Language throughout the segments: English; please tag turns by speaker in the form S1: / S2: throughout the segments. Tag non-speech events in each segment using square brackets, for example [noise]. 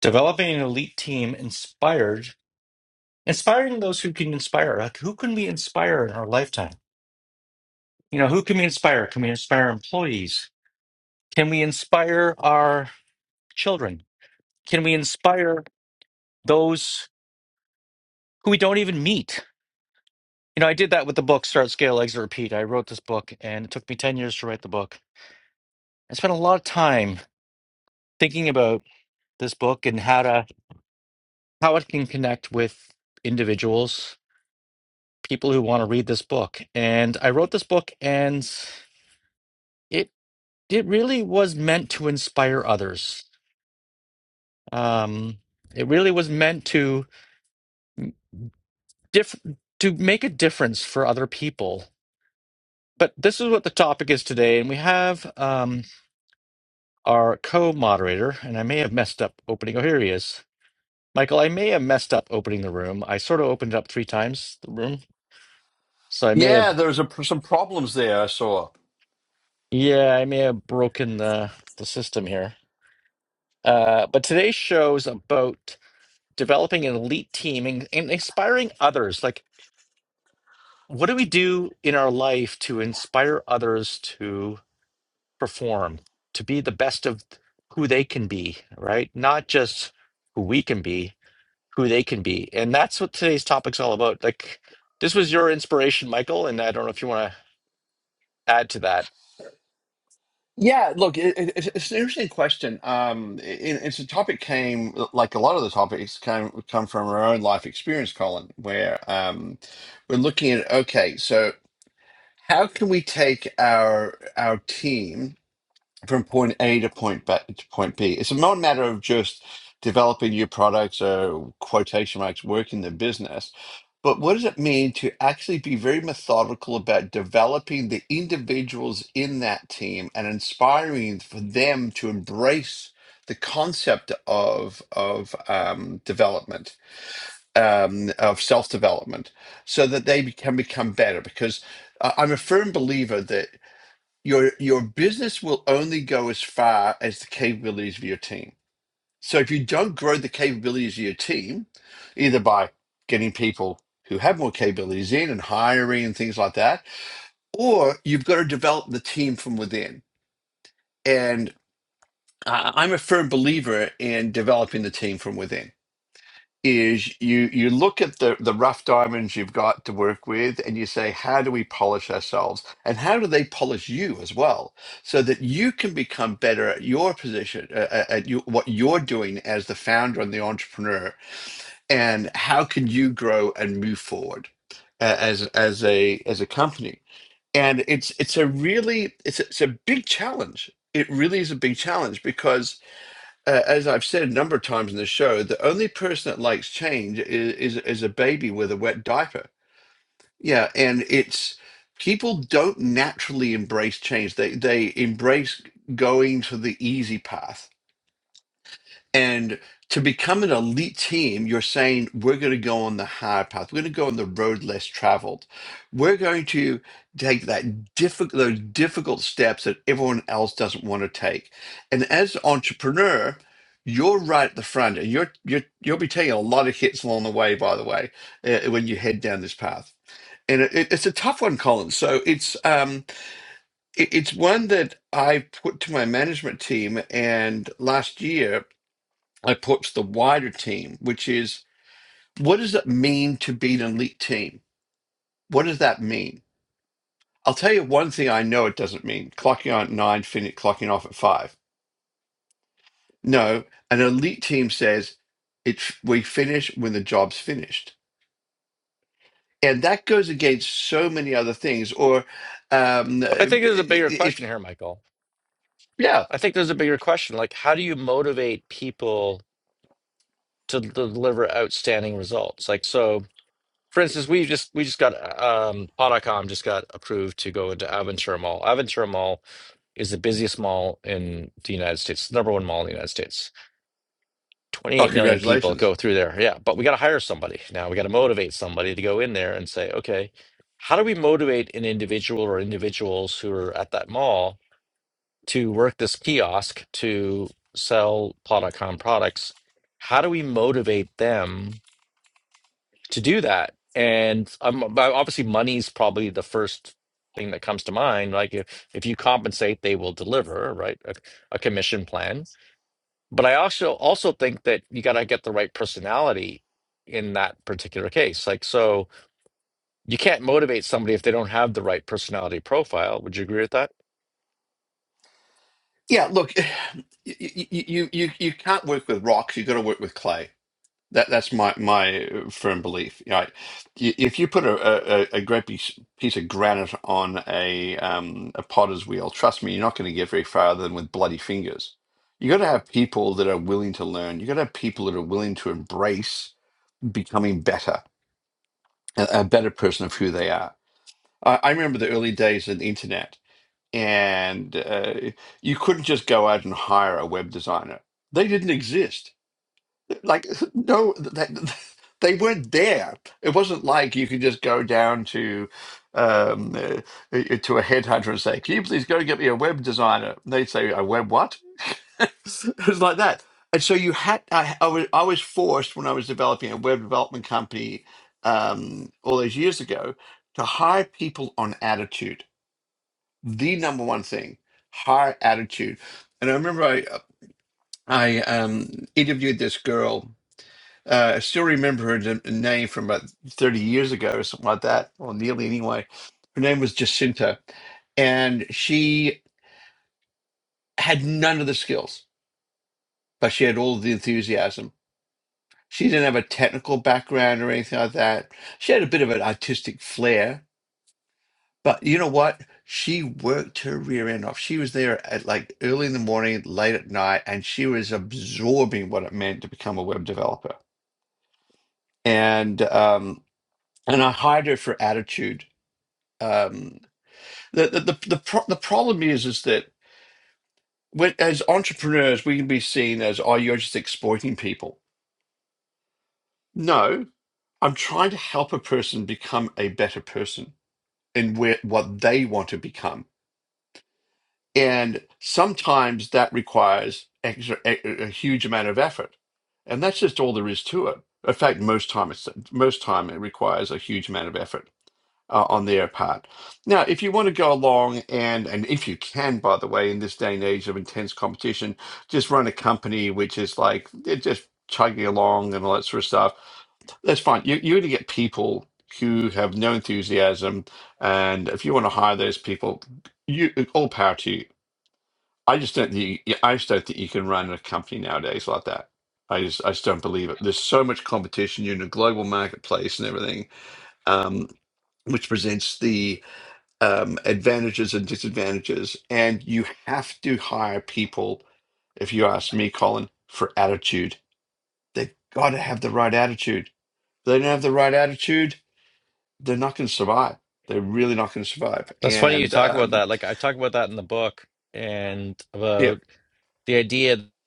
S1: developing an elite team inspired inspiring those who can inspire like who can we inspire in our lifetime you know who can we inspire can we inspire employees can we inspire our children can we inspire those who we don't even meet you know i did that with the book start scale exit repeat i wrote this book and it took me 10 years to write the book i spent a lot of time thinking about this book and how to how it can connect with individuals people who want to read this book and i wrote this book and it it really was meant to inspire others. Um, it really was meant to diff- to make a difference for other people. But this is what the topic is today, and we have um, our co-moderator, and I may have messed up opening. Oh, here he is, Michael. I may have messed up opening the room. I sort of opened it up three times the room, so I may
S2: Yeah,
S1: have
S2: there's a, some problems there. I saw.
S1: yeah, I may have broken the the system here. Uh, but today's show is about developing an elite team and, and inspiring others. Like what do we do in our life to inspire others to perform, to be the best of who they can be, right? Not just who we can be, who they can be. And that's what today's topic's all about. Like, this was your inspiration, Michael, and I don't know if you want to add to that.
S2: Yeah, look, it, it, it's it's an interesting question. Um, it, it's a topic came like a lot of the topics came come from our own life experience, Colin, where um, we're looking at okay, so how can we take our our team? from point A to point B, to point B. It's not a matter of just developing new products or quotation marks working the business, but what does it mean to actually be very methodical about developing the individuals in that team and inspiring for them to embrace the concept of of um, development, um, of self development, so that they be- can become better because. I- I'm a firm believer that your your business will only go as far as the capabilities of your team. So if you don't grow the capabilities of your team, either by getting people who have more capabilities in and hiring and things like that, or you've got to develop the team from within. And I- I'm a firm believer in developing the team from within is you you look at the the rough diamonds you've got to work with and you say how do we polish ourselves and how do they polish you as well so that you can become better at your position uh, uh, at you, what you're doing as the founder and the entrepreneur and how can you grow and move forward uh, as as a as a company and it's it's a really it's a, it's a big challenge it really is a big challenge because uh, as I've said a number of times in the show, the only person that likes change is, is is a baby with a wet diaper. Yeah, and it's people don't naturally embrace change. They they embrace going to the easy path and to become an elite team, you're saying we're going to go on the hard path. We're going to go on the road less traveled. We're going to take that difficult, those difficult steps that everyone else doesn't want to take. And as an entrepreneur, you're right at the front, and you're you're you'll be taking a lot of hits along the way. By the way, uh, when you head down this path, and it, it's a tough one, Colin. So it's um it, it's one that I put to my management team, and last year I approach the wider team, which is what does it mean to be an elite team? What does that mean? I'll tell you one thing I know it doesn't mean clocking on at nine, finish, clocking off at five. No, an elite team says it's we finish when the job's finished. And that goes against so many other things. Or um,
S1: But I think there's a bigger question
S2: if,
S1: here, Michael.
S2: yeah.
S1: I think there's a bigger question. Like, how do you motivate people to deliver outstanding results? Like, so For instance, we just we just got um Pod.com just got approved to go into Aventura Mall. Aventura Mall is the busiest mall in the United States, the number one mall in the United States.
S2: Oh,
S1: 28 million people
S2: congratulations.
S1: go through there. Yeah, but we got to hire somebody. Now we got to motivate somebody to go in there and say, "Okay, how do we motivate an individual or individuals who are at that mall to work this kiosk to sell Pod.com products? How do we motivate them?" to do that. And um, but obviously, money's probably the first thing that comes to mind. Like if, if you compensate, they will deliver, right? A, a commission plan. But I also also think that you got to get the right personality in that particular case. Like so, you can't motivate somebody if they don't have the right personality profile. Would you agree with that?
S2: Yeah, look, [sighs] you, you, you, you you can't work with rocks, you've got to work with clay That that's my my uh, firm belief. You know, I- if you put a, a, a great piece, piece of granite on a um, a potter's wheel, trust me, you're not going to get very far other than with bloody fingers. You got to have people that are willing to learn. You got to have people that are willing to embrace becoming better, a, a better person of who they are. I, I remember the early days of the internet, and uh, you couldn't just go out and hire a web designer. They didn't exist like [laughs] no they, they weren't there it wasn't like you could just go down to um uh, uh, uh, to a headhunter and say can you please go get me a web designer and they'd say a web what [laughs] it was like that and so you had I, I was i was forced when i was developing a web development company um all those years ago to hire people on attitude the number one thing hire attitude and i remember i i um interviewed this girl uh, I still remember her n- name from about 30 years ago or something like that, or nearly anyway. Her name was Jacinta, and she had none of the skills, but she had all the enthusiasm. She didn't have a technical background or anything like that. She had a bit of an artistic flair, but you know what? She worked her rear end off. She was there at like early in the morning, late at night, and she was absorbing what it meant to become a web developer. And um, and I hired her for attitude Um, the, the, the, the, pro- the problem is is that when, as entrepreneurs, we can be seen as, oh, you're just exploiting people. No, I'm trying to help a person become a better person in where, what they want to become. And sometimes that requires extra, a, a huge amount of effort. And that's just all there is to it. In fact, most time, it's, most time it requires a huge amount of effort uh, on their part. Now, if you want to go along and and if you can, by the way, in this day and age of intense competition, just run a company which is like they're just chugging along and all that sort of stuff. That's fine. You, you're going to get people who have no enthusiasm, and if you want to hire those people, you all power to you. I just don't think you, I just don't think you can run a company nowadays like that. I just I just don't believe it. There's so much competition. You're in a global marketplace and everything, um, which presents the um, advantages and disadvantages. And you have to hire people, if you ask me, Colin, for attitude. They got to have the right attitude. If they don't have the right attitude, they're not going to survive. They're really not going to survive.
S1: That's funny you
S2: And
S1: talk about
S2: um,
S1: that. Like I talk about that in the book and
S2: yeah,
S1: about the idea that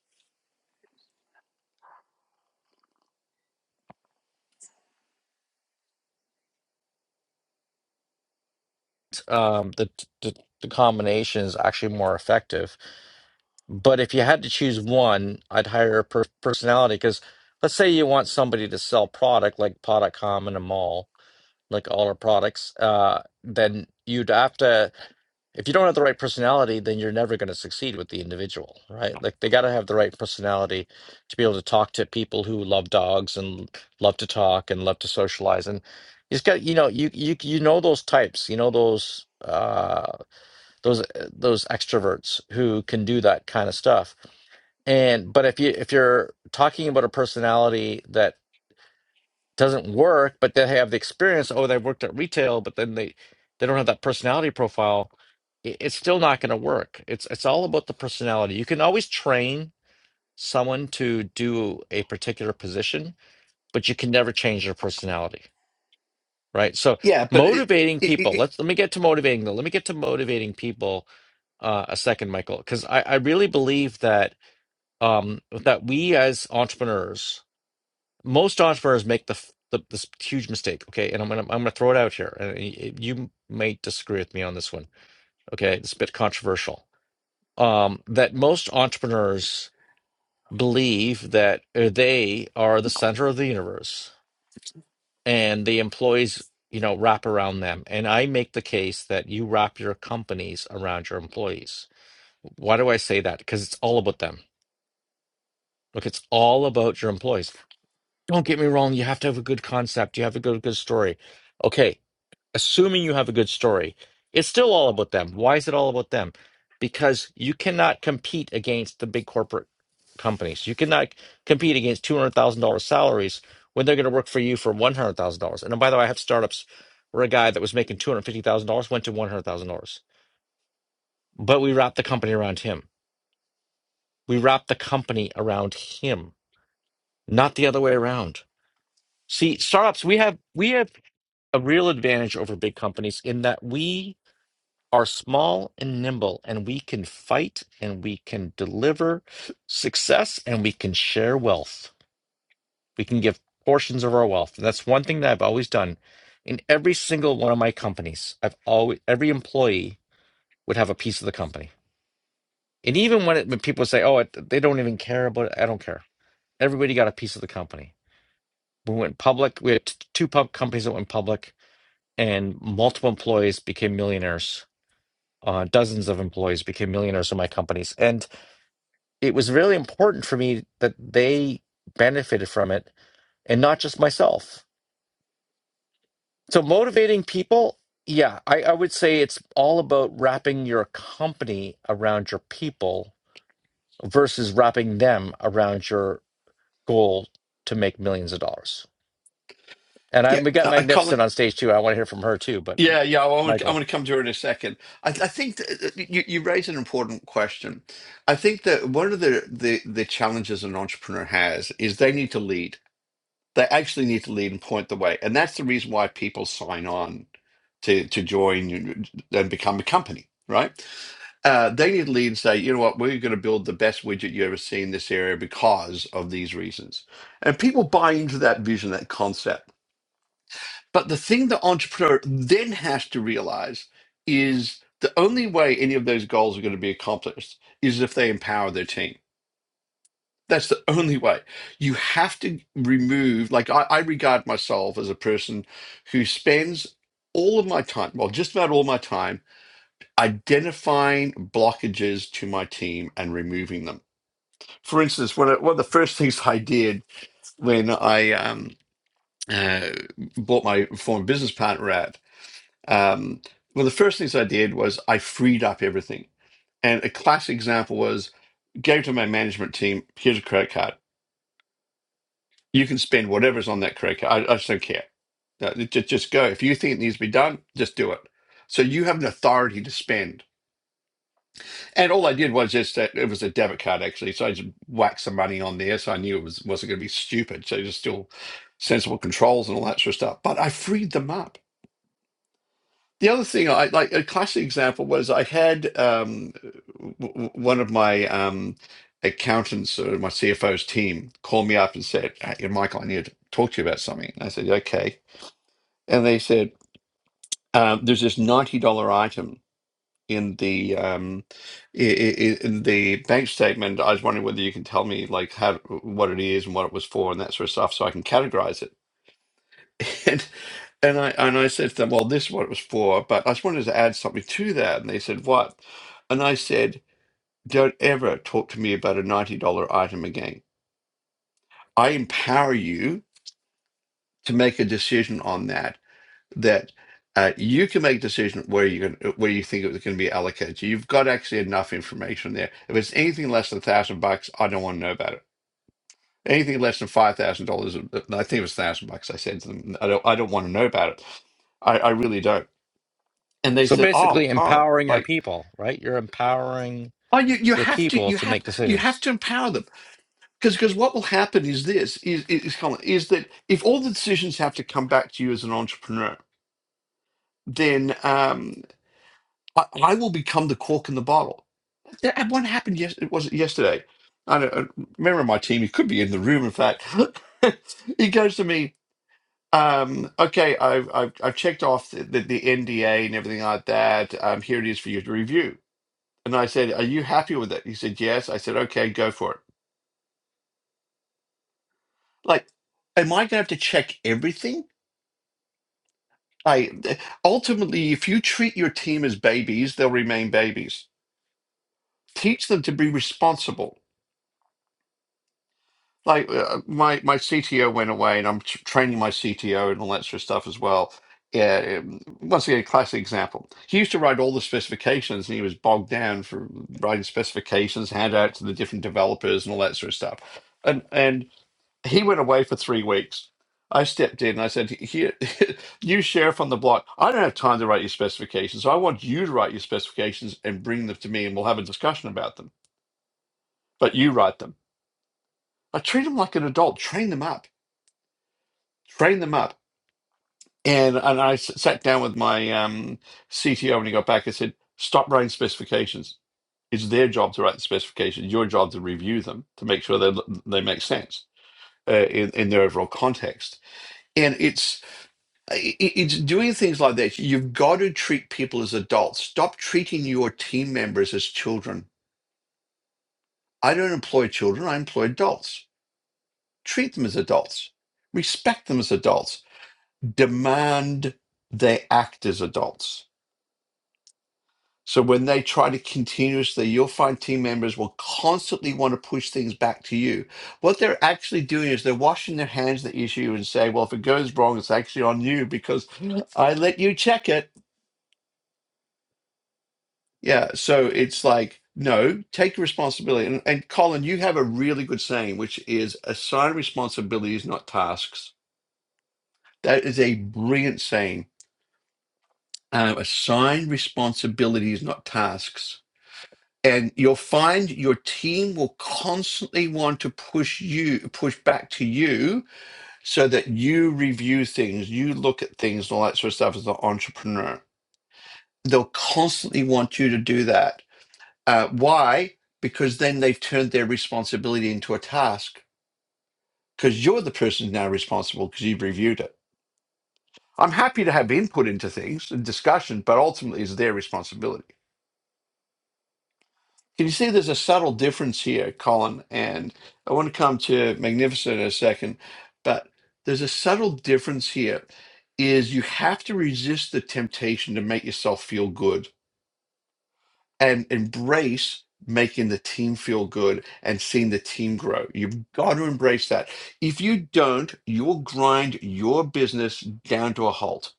S1: um, the, the the combination is actually more effective But if you had to choose one, I'd hire a per- personality because let's say you want somebody to sell product like Product.com in a mall, like all our products, uh, then you'd have to, if you don't have the right personality, then you're never going to succeed with the individual, right? Like they got to have the right personality to be able to talk to people who love dogs and love to talk and love to socialize. And you just got, you know, you you you know those types, you know those uh those uh, those extroverts who can do that kind of stuff and but if you if you're talking about a personality that doesn't work, but they have the experience, oh, they worked at retail, but then they they don't have that personality profile, i- it's still not going to work. It's it's all about the personality. You can always train someone to do a particular position, but you can never change their personality, right? So
S2: yeah, but it,
S1: motivating
S2: it, it,
S1: people.
S2: it
S1: Let's let me get to motivating them. Let me get to motivating people uh, a second, Michael, because I, I really believe that um, that we as entrepreneurs most entrepreneurs make the, f- the this huge mistake. Okay, and I'm gonna I'm gonna throw it out here, and y- you may disagree with me on this one. Okay, it's a bit controversial. Um, that most entrepreneurs believe that uh, they are the center of the universe, and the employees, you know, wrap around them. And I make the case that you wrap your companies around your employees. Why do I say that? Because it's all about them. Look, it's all about your employees. Don't get me wrong. You have to have a good concept. You have to go to a good story. Okay, assuming you have a good story, it's still all about them. Why is it all about them? Because you cannot compete against the big corporate companies. You cannot compete against two hundred thousand dollars salaries when they're going to work for you for one hundred thousand dollars. And oh, by the way, I have startups where a guy that was making two hundred fifty thousand dollars went to one hundred thousand dollars, but we wrapped the company around him. We wrapped the company around him, not the other way around. See, startups, we have we have a real advantage over big companies in that we are small and nimble, and we can fight and we can deliver success and we can share wealth. We can give portions of our wealth. And that's one thing that I've always done in every single one of my companies. I've always, every employee would have a piece of the company. And even when, it, when people say, oh, it, they don't even care about it, I don't care. Everybody got a piece of the company. We went public. We had t- two pub companies that went public, and multiple employees became millionaires. Uh, dozens of employees became millionaires in my companies. And it was really important for me that they benefited from it and not just myself. So motivating people, yeah, I, I would say it's all about wrapping your company around your people versus wrapping them around your goal to make millions of dollars. And I, we got
S2: yeah, I Colin.
S1: Magnificent on stage too. I want to hear from her too, but
S2: Yeah, yeah, I want, I
S1: Michael.
S2: want to come to her in a second. I, I think that that you, you raise an important question. I think that one of the, the, the challenges an entrepreneur has is they need to lead They actually need to lead and point the way. And that's the reason why people sign on to, to join and become a company, right? Uh, they need to lead and say, you know what, we're going to build the best widget you ever see in this area because of these reasons. And people buy into that vision, that concept. But the thing the entrepreneur then has to realize is the only way any of those goals are going to be accomplished is if they empower their team that's the only way. You have to remove, like, I, I regard myself as a person who spends all of my time, well, just about all my time, identifying blockages to my team and removing them. For instance, one of, one of the first [laughs] things I did when I um, uh, bought my former business partner out, um, one of the first things I did was I freed up everything. And a classic example was gave to my management team, here's a credit card You can spend whatever's on that credit card. I, I just don't care. No, just, just go. If you think it needs to be done, just do it. So you have an authority to spend. And all I did was just that it was a debit card actually, so I just whacked some money on there, so I knew it was wasn't going to be stupid. So just still sensible controls and all that sort of stuff. But I freed them up. The other thing, I like a classic example was I had um, w- w- one of my um, accountants or my CFO's team call me up and said, hey, Michael, I need to talk to you about something. And I said, okay and they said um, there's this ninety dollar item in the um, i- i- in the bank statement. I was wondering whether you can tell me like how what it is and what it was for and that sort of stuff, so I can categorize it. [laughs] And and I and I said to them, well, this is what it was for, but I just wanted to add something to that. And they said, what? And I said, don't ever talk to me about a ninety dollar item again. I empower you to make a decision on that that uh, you can make a decision where you going where you think it was going to be allocated. You've got actually enough information there. If it's anything less than a thousand bucks, I don't want to know about it. Anything less than five thousand dollars, uh, uh, I think it was thousand bucks. I said to them, I don't, I don't want to know about it. I, I really don't. And they
S1: So
S2: said,
S1: basically,
S2: oh, oh,
S1: empowering your
S2: like,
S1: people, right? You're empowering
S2: oh, you, you
S1: your
S2: have to,
S1: people
S2: you
S1: to
S2: have,
S1: make
S2: you have
S1: decisions.
S2: to empower them because because what will happen is this is is Colin, is that if all the decisions have to come back to you as an entrepreneur, then um, I, I will become the cork in the bottle Yeah, and one happened yes it was yesterday? I don't a member of my team, he could be in the room in fact. [laughs] he goes to me, um, okay, I've I've I've checked off the, the, the NDA and everything like that. Um, here it is for you to review. And I said, Are you happy with it? He said, Yes. I said, Okay, go for it. Like, am I gonna have to check everything? I ultimately, if you treat your team as babies, they'll remain babies. Teach them to be responsible like uh, my my CTO went away, and I'm tr training my CTO and all that sort of stuff as well. Yeah, um, once again, classic example. He used to write all the specifications, and he was bogged down for writing specifications, hand out to the different developers, and all that sort of stuff. And and he went away for three weeks. I stepped in and I said, "Here, [laughs] new sheriff on the block. I don't have time to write your specifications. So I want you to write your specifications and bring them to me, and we'll have a discussion about them. But you write them. I treat them like an adult. Train them up." train them up. And and I s- sat down with my um, CTO when he got back. I said, stop writing specifications. It's their job to write the specifications. Your job to review them to make sure they they make sense uh, in, in their overall context. And it's i- i- it's doing things like that. You've got to treat people as adults. Stop treating your team members as children. I don't employ children. I employ adults. Treat them as adults. Respect them as adults. Demand they act as adults So when they try to continuously, you'll find team members will constantly want to push things back to you. What they're actually doing is they're washing their hands of the issue and say, well, if it goes wrong, it's actually on you because I let you check it. Yeah. So it's like, no, take responsibility. And, and Colin, you have a really good saying, which is assign responsibilities, not tasks. That is a brilliant saying. Um, assign responsibilities, not tasks and you'll find your team will constantly want to push you push back to you so that you review things you look at things and all that sort of stuff as an entrepreneur they'll constantly want you to do that uh, why because then they've turned their responsibility into a task because you're the person now responsible because you've reviewed it i'm happy to have input into things and discussion but ultimately it's their responsibility Can you see there's a subtle difference here, Colin? And I want to come to Magnificent in a second, but there's a subtle difference here is you have to resist the temptation to make yourself feel good and embrace making the team feel good and seeing the team grow. You've got to embrace that. If you don't, you'll grind your business down to a halt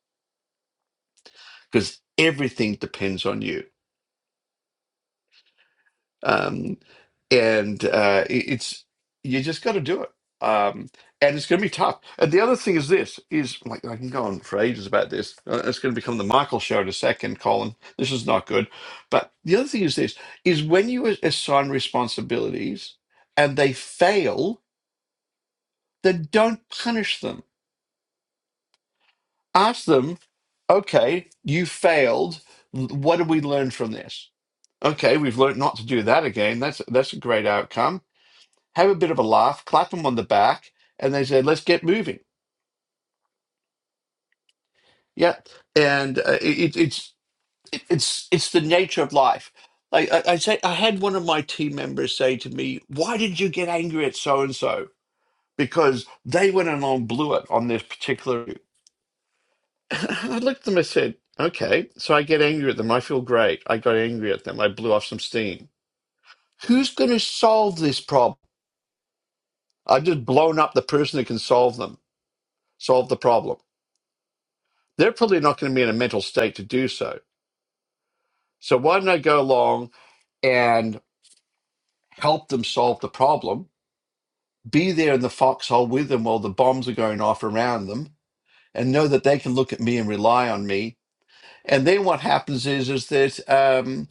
S2: because everything depends on you. Um, and uh, it- it's you just got to do it. Um, and it's going to be tough. And the other thing is this is like I can go on for ages about this. Uh, It's going to become the Michael show in a second, Colin. This is not good. But the other thing is this is when you a- assign responsibilities and they fail, then don't punish them. Ask them, okay, you failed. What did we learn from this? Okay, we've learned not to do that again. That's that's a great outcome have a bit of a laugh, clap them on the back, and they say, "Let's get moving." Yeah, and uh, it, it's it, it's it's the nature of life. Like I, I say, I had one of my team members say to me, "Why did you get angry at so and so?" Because they went and on blew it on this particular. [laughs] I looked at them. I said, "Okay, so I get angry at them. I feel great. I got angry at them. I blew off some steam. Who's going to solve this problem? I've just blown up the person who can solve them, solve the problem." they're probably not going to be in a mental state to do so. So why do not I go along and help them solve the problem? Be there in the foxhole with them while the bombs are going off around them, and know that they can look at me and rely on me. And then what happens is, is that um,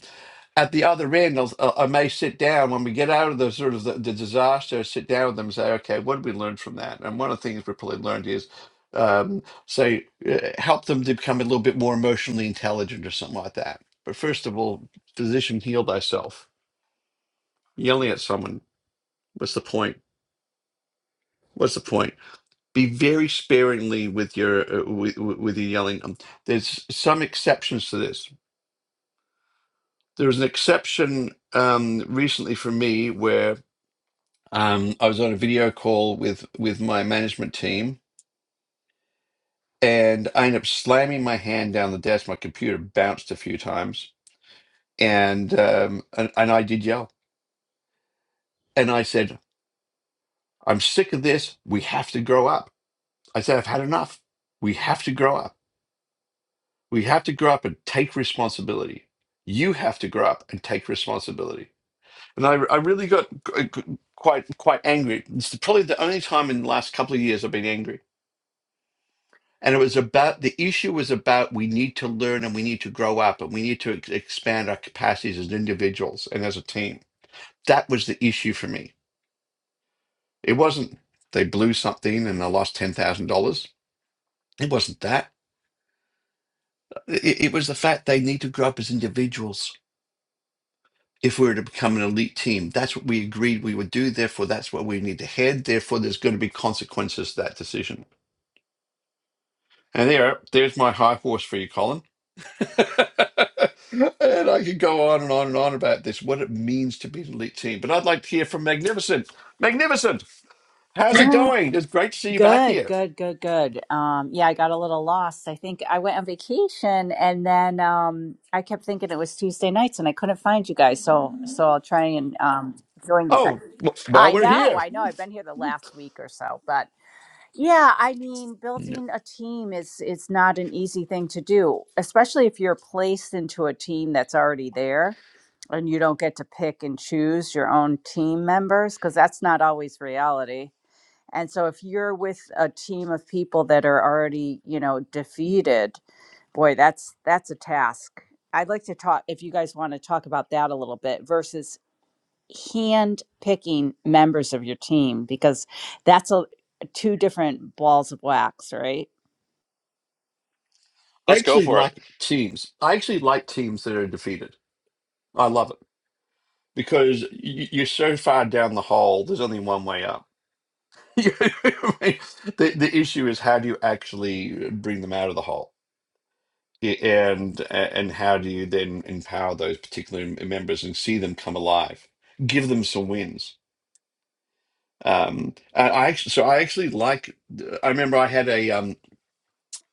S2: at the other end, I'll, I'll- I may sit down when we get out of the sort of the, the disaster, sit down with them and say, okay, what did we learn from that? And one of the things we probably learned is, um, say, uh, help them to become a little bit more emotionally intelligent or something like that. But first of all, physician, heal thyself. Yelling at someone, what's the point? What's the point? Be very sparingly with your uh, with, with your yelling. Um, There's some exceptions to this. There was an exception um, recently for me where Um, I was on a video call with with my management team, and I ended up slamming my hand down the desk. My computer bounced a few times, and um, and, and I did yell. And I said, "I'm sick of this. We have to grow up." I said, "I've had enough. We have to grow up. We have to grow up and take responsibility. You have to grow up and take responsibility." And I, I really got qu- qu- quite quite angry. It's probably the only time in the last couple of years I've been angry and it was about the issue was about we need to learn and we need to grow up and we need to ex- expand our capacities as individuals and as a team that was the issue for me it wasn't they blew something and I lost $10000 it wasn't that it, it was the fact they need to grow up as individuals if we were to become an elite team that's what we agreed we would do therefore that's where we need to head therefore there's going to be consequences to that decision and there there's my high horse for you colin [laughs] And I could go on and on and on about this, what it means to be an elite team. But I'd like to hear from Magnificent. Magnificent, how's it
S3: Yeah,
S2: going? It's great to see you back
S3: good,
S2: here.
S3: good, good, good. Um, yeah, I got a little lost. I think I went on vacation and then um I kept thinking it was Tuesday nights and I couldn't find you guys. So so I'll try and um join you. guys.
S2: Oh, wh- while
S3: I
S2: we're
S3: know,
S2: here,
S3: I know. I've been here the last week or so, but yeah, I mean,
S2: No.
S3: building a team is is not an easy thing to do, especially if you're placed into a team that's already there and you don't get to pick and choose your own team members because that's not always reality and so if you're with a team of people that are already, you know, defeated, boy, that's that's a task. I'd like to talk if you guys want to talk about that a little bit versus hand picking members of your team because that's a two different balls of wax, right?
S2: I
S1: Let's go
S2: actually
S1: for it.
S2: like teams. I actually like teams that are defeated. I love it because y- you're so far down the hole, there's only one way up. [laughs] You know what I mean? the, the issue is how do you actually uh, bring them out of the hole? Y- And and how do you then empower those particular m- members and see them come alive? Give them some wins. Um, I, I actually, so I actually like. uh, I remember I had a um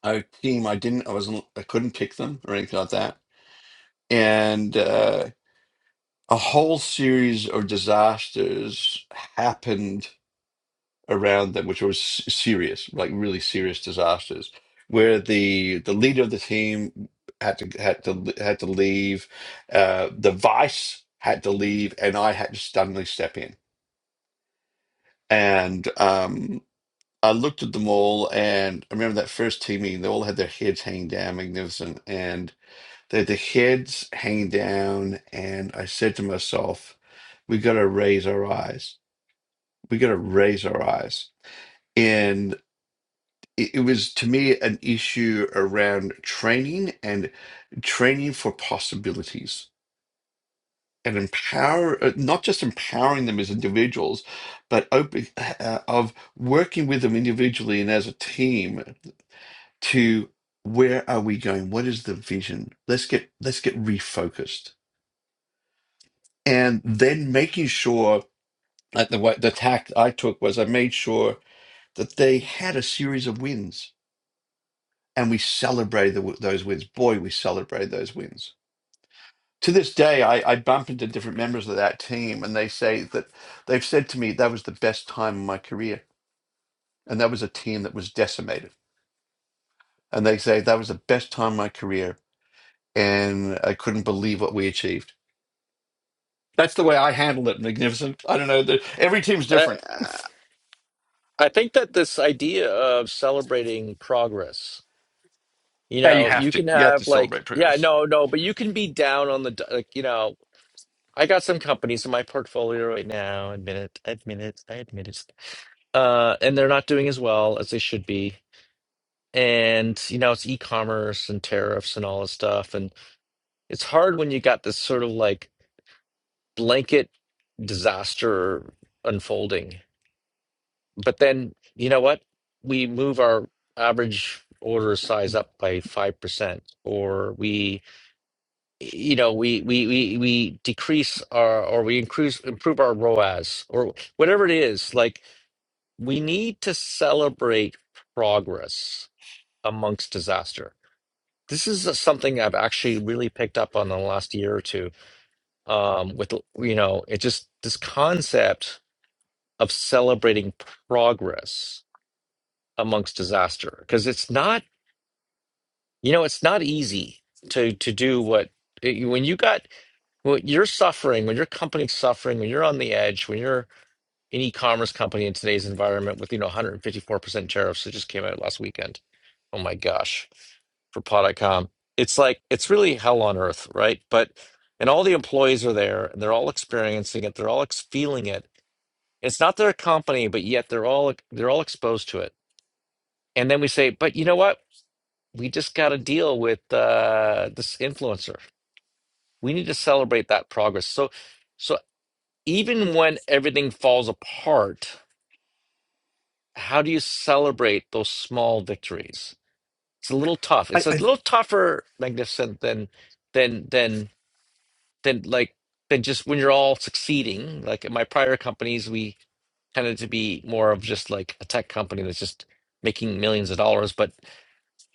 S2: a team. I didn't. I wasn't. I couldn't pick them or anything like that. And uh, a whole series of disasters happened around them, which were s- serious, like really serious disasters, where the the leader of the team had to had to had to leave, uh, the vice had to leave, and I had to suddenly step in. And um, I looked at them all, and I remember that first team meeting. They all had their heads hanging down, magnificent, and they had their heads hanging down. And I said to myself, "We got to raise our eyes. We got to raise our eyes." And it, it was to me an issue around training and training for possibilities and empower uh, not just empowering them as individuals but open uh, uh, of working with them individually and as a team to where are we going what is the vision let's get let's get refocused and then making sure like the way the tact i took was i made sure that they had a series of wins and we celebrated the, those wins. Boy, we celebrated those wins. To this day, I, I bump into different members of that team, and they say that they've said to me that was the best time of my career, and that was a team that was decimated. And they say that was the best time of my career, and I couldn't believe what we achieved. That's the way I handle it. Magnificent. I don't know. The, every team's different.
S1: Uh, I think that this idea of celebrating progress, you
S2: Yeah, you
S1: know,
S2: have
S1: you
S2: to.
S1: can
S2: You have to
S1: have like,
S2: celebrate
S1: yeah,
S2: progress.
S1: no, no, but you can be down on the, d- like, you know, I got some companies in my portfolio right now, admit it, I admit it, I admit it. Uh, and they're not doing as well as they should be. And, you know, it's e-commerce and tariffs and all this stuff. And it's hard when you got this sort of like blanket disaster unfolding But then, you know what? We move our average order size up by 5%, or we, you know, we we we we decrease our or we increase improve our ROAS or whatever it is. Like we need to celebrate progress amongst disaster. This is uh, something I've actually really picked up on in the last year or two. Um, with you know, it just this concept of celebrating progress amongst disaster because it's not you know it's not easy to to do what when you got when you're suffering when your company's suffering when you're on the edge when you're an e-commerce company in today's environment with you know 154% tariffs that just came out last weekend oh my gosh for pod dot com it's like it's really hell on earth right but and all the employees are there and they're all experiencing it they're all ex- feeling it it's not their company but yet they're all they're all exposed to it and then we say but you know what we just got to deal with uh, this influencer. We need to celebrate that progress. So, so even when everything falls apart, how do you celebrate those small victories? It's a little tough.
S2: I,
S1: It's a
S2: I,
S1: little tougher, magnificent than than than than like than just when you're all succeeding. Like at my prior companies, we tended to be more of just like a tech company that's just making millions of dollars. But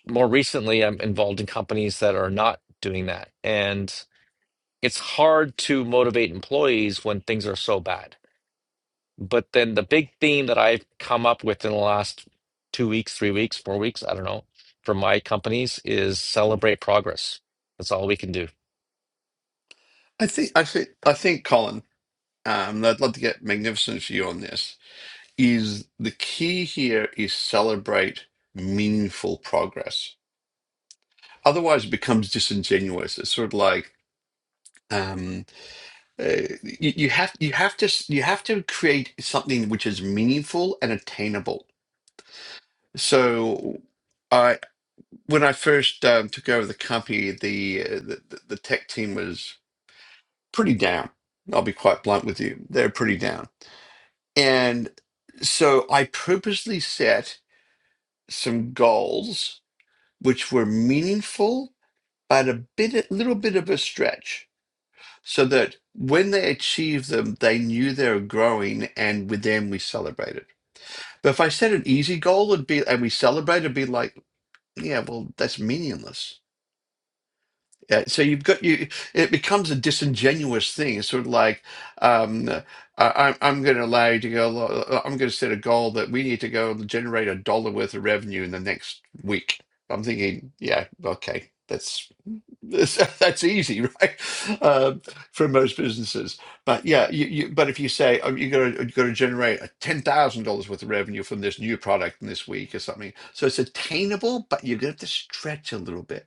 S1: more recently, I'm involved in companies that are not doing that, and it's hard to motivate employees when things are so bad. But then the big theme that I've come up with in the last two weeks, three weeks, four weeks, I don't know, for my companies is celebrate progress. That's all we can do.
S2: I think. I think. I think, Colin. Um, I'd love to get magnificent for you on this is the key here is celebrate meaningful progress. Otherwise, it becomes disingenuous. It's sort of like um, uh, you, you have you have to s- you have to create something which is meaningful and attainable. So, I when I first um, took over the company, the, uh, the the the tech team was pretty down. I'll be quite blunt with you; they're pretty down, and so I purposely set some goals which were meaningful but a bit a little bit of a stretch so that when they achieved them they knew they were growing and with them we celebrated but if i set an easy goal it'd be and we celebrate it'd be like yeah well that's meaningless Yeah, so you've got you. It becomes a disingenuous thing. It's sort of like, um, I, I'm I'm going to allow you to go. lo- I'm going to set a goal that we need to go generate a dollar worth of revenue in the next week. I'm thinking, yeah, okay, that's that's, [laughs] that's easy, right? Um, for most businesses, but yeah, you, you but if you say oh, you're going to you're going to generate a ten thousand dollars worth of revenue from this new product in this week or something, so it's attainable, but you're going to have to stretch a little bit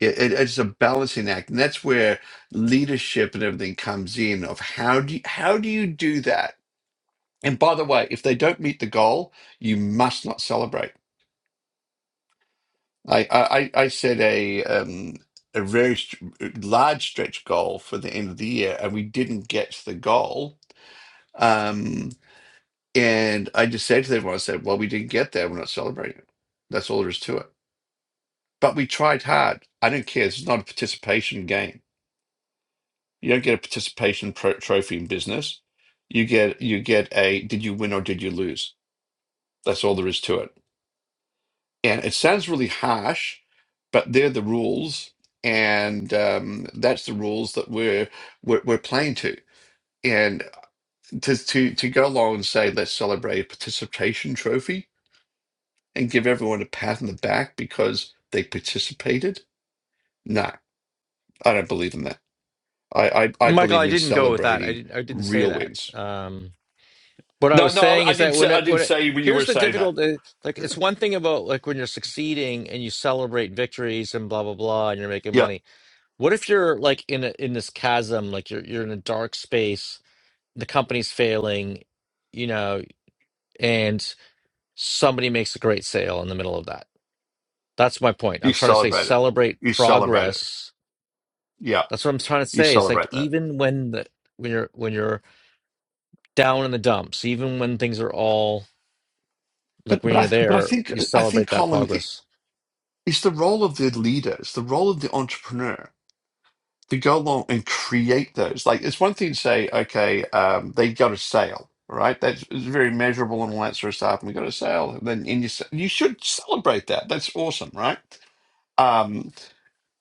S2: it, it- it's a balancing act, and that's where leadership and everything comes in. Of how do you, how do you do that? And by the way, if they don't meet the goal, you must not celebrate. I I, I I set a um, a very st- large stretch goal for the end of the year, and we didn't get to the goal. Um, and I just said to everyone, I said, "Well, we didn't get there. We're not celebrating it. That's all there is to it." But we tried hard. I don't care. This is not a participation game You don't get a participation pro- trophy in business. You get you get a did you win or did you lose? That's all there is to it. And it sounds really harsh, but they're the rules, and um, that's the rules that we're, we're we're playing to. And to to to go along and say let's celebrate a participation trophy and give everyone a pat on the back because they participated. No, I don't believe in that. I I, I
S1: Michael,
S2: believe
S1: I
S2: in
S1: didn't go with that. I
S2: celebrating
S1: didn't, I didn't say
S2: real
S1: that.
S2: wins
S1: Um, what I
S2: No,
S1: was
S2: no,
S1: saying
S2: I, I
S1: is
S2: did.
S1: that
S2: Say,
S1: when
S2: I
S1: it,
S2: did
S1: when it,
S2: say when you were
S1: here's the
S2: saying that.
S1: difficult, uh, like it's one thing about like when you're succeeding and you celebrate victories and blah blah blah and you're making
S2: Yeah,
S1: money. What if you're like in a, in this chasm, like you're you're in a dark space the company's failing, you know, and somebody makes a great sale in the middle of that. That's my point.
S2: you
S1: I'm trying to say
S2: celebrate it.
S1: celebrate
S2: You celebrate it.
S1: progress.
S2: Yeah,
S1: That's what I'm trying to
S2: you
S1: say. It's like
S2: celebrate that.
S1: even when the when you're when you're down in the dumps, even when things are all
S2: But
S1: like when
S2: but
S1: you're
S2: I but I
S1: there,
S2: think
S1: you
S2: I think
S1: celebrate that
S2: Colin, it-
S1: progress.
S2: it's the role of the leader. It's the role of the entrepreneur to go along and create those. Like it's one thing to say, okay, um, they got a sale, right? That's it's very measurable and all that sort of stuff. And we got a sale, and then and you s- you should celebrate that. That's awesome, right? Um,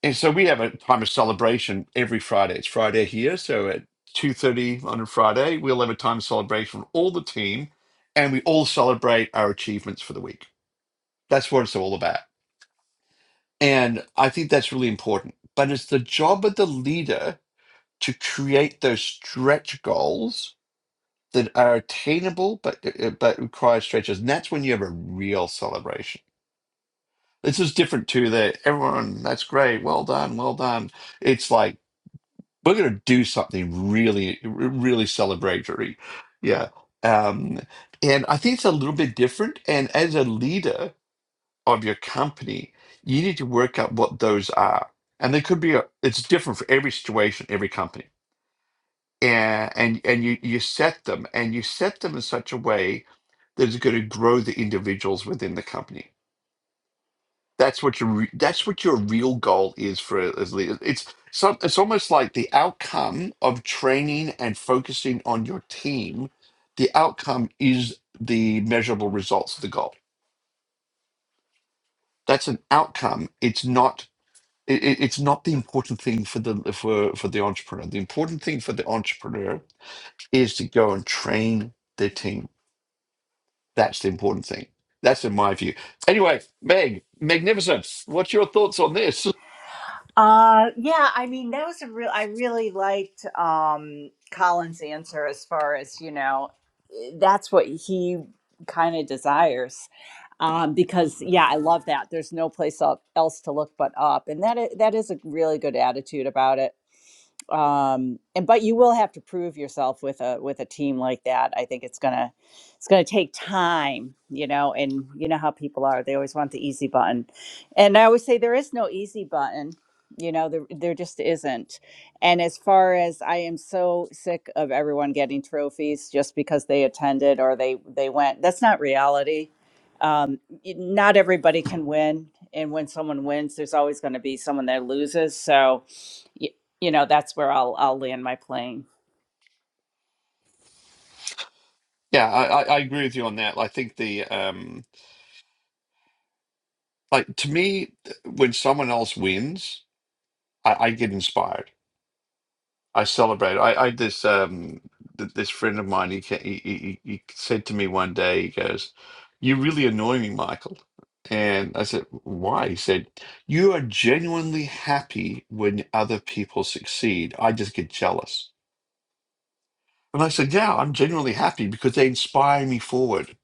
S2: And so we have a time of celebration every Friday. It's Friday here, so at two thirty on a Friday, we'll have a time of celebration with all the team, and we all celebrate our achievements for the week. That's what it's all about, and I think that's really important. But it's the job of the leader to create those stretch goals that are attainable, but uh, uh, but require stretches, and that's when you have a real celebration. This is different to the everyone. That's great. Well done. Well done. It's like we're going to do something really r- really celebratory yeah um and i think it's a little bit different and as a leader of your company you need to work out what those are and they could be a, it's different for every situation every company and and and you you set them and you set them in such a way that it's going to grow the individuals within the company that's what your re- that's what your real goal is for as leaders. It's some it's almost like the outcome of training and focusing on your team. The outcome is the measurable results of the goal. That's an outcome. It's not it, it- it's not the important thing for the for for the entrepreneur. The important thing for the entrepreneur is to go and train their team. That's the important thing. That's in my view. Anyway, Meg, magnificent. What's your thoughts on this?
S3: Uh, yeah, I mean, that was a real, I really liked um, Colin's answer as far as, you know, eh, that's what he kind of desires. Um, because yeah, I love that. There's no place el- else to look but up. And that is, that is a really good attitude about it um and but you will have to prove yourself with a with a team like that i think it's gonna it's gonna take time you know and you know how people are they always want the easy button and i always say there is no easy button you know there, there just isn't and as far as i am so sick of everyone getting trophies just because they attended or they they went that's not reality um y- not everybody can win and when someone wins there's always going to be someone that loses so you know, that's where I'll I'll land my plane.
S2: Yeah, I, I I agree with you on that. I think the um like to me when someone else wins, I, I get inspired. I celebrate. I, I this um th- this friend of mine he, ca- he he he he said to me one day he goes, "You really annoy me, Michael." And I said, "Why?" He said, "You are genuinely happy when other people succeed. I just get jealous." And I said, "Yeah, I'm genuinely happy because they inspire me forward.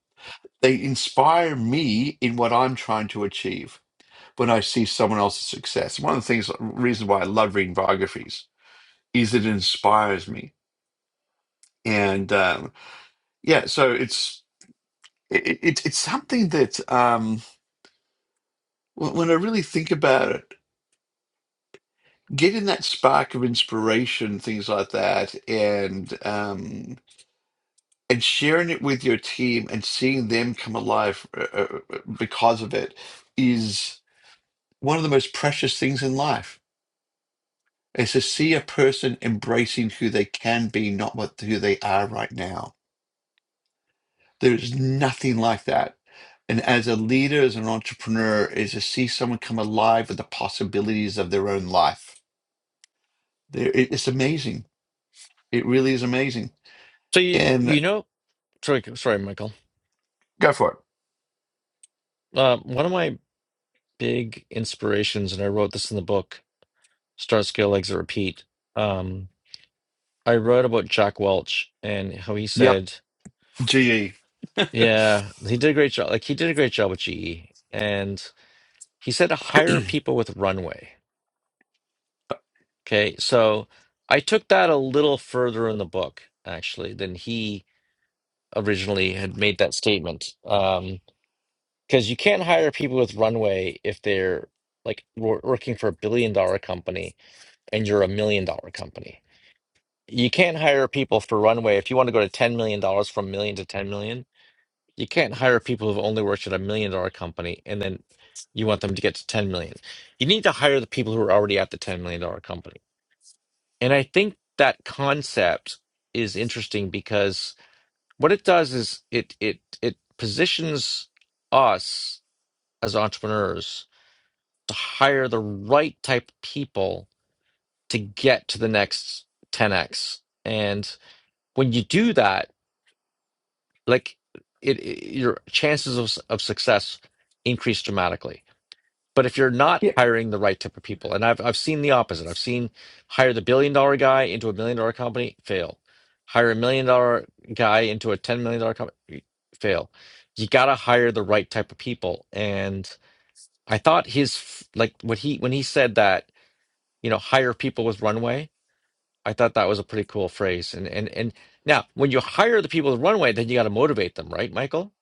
S2: They inspire me in what I'm trying to achieve." when I see someone else's success. One of the things, reason why I love reading biographies is it inspires me. And um, yeah, so it's it, it, it's something that um, when when I really think about it, getting that spark of inspiration, things like that, and um, and sharing it with your team and seeing them come alive uh, uh, uh, because of it is one of the most precious things in life is to see a person embracing who they can be, not what who they are right now. There is nothing like that. And as a leader, as an entrepreneur, is to see someone come alive with the possibilities of their own life. There, it- it's amazing. It really is amazing.
S1: So you you
S2: And
S1: know, sorry, sorry, Michael.
S2: go for it.
S1: Uh, one of my big inspirations, and I wrote this in the book, Start Scale Exit Repeat. Um, I wrote about Jack Welch and how he
S2: Yep.
S1: said
S2: GE.
S1: Yeah, he did a great job. Like he did a great job with GE, and he said to
S2: [clears throat]
S1: hire people with runway. Okay, so I took that a little further in the book actually than he originally had made that statement. Um, because you can't hire people with runway if they're like wor- working for a billion dollar company and you're a million dollar company. You can't hire people for runway if you want to go to ten million dollars from million to ten million. You can't hire people who've only worked at a million dollar company and then you want them to get to 10 million. You need to hire the people who are already at the 10 million dollar company. And I think that concept is interesting because what it does is it it it positions us as entrepreneurs to hire the right type of people to get to the next 10x. And when you do that, like it, it your chances of, of success increase dramatically But if you're not
S2: Yeah,
S1: hiring the right type of people, and I've I've seen the opposite. I've seen hire the billion dollar guy into a million dollar company, fail. Hire a million dollar guy into a ten million dollar company, fail. You got to hire the right type of people. And I thought his like what he when he said that you know hire people with runway. I thought that was a pretty cool phrase. And and and now when you hire the people with runway, then you got to motivate them, right, Michael?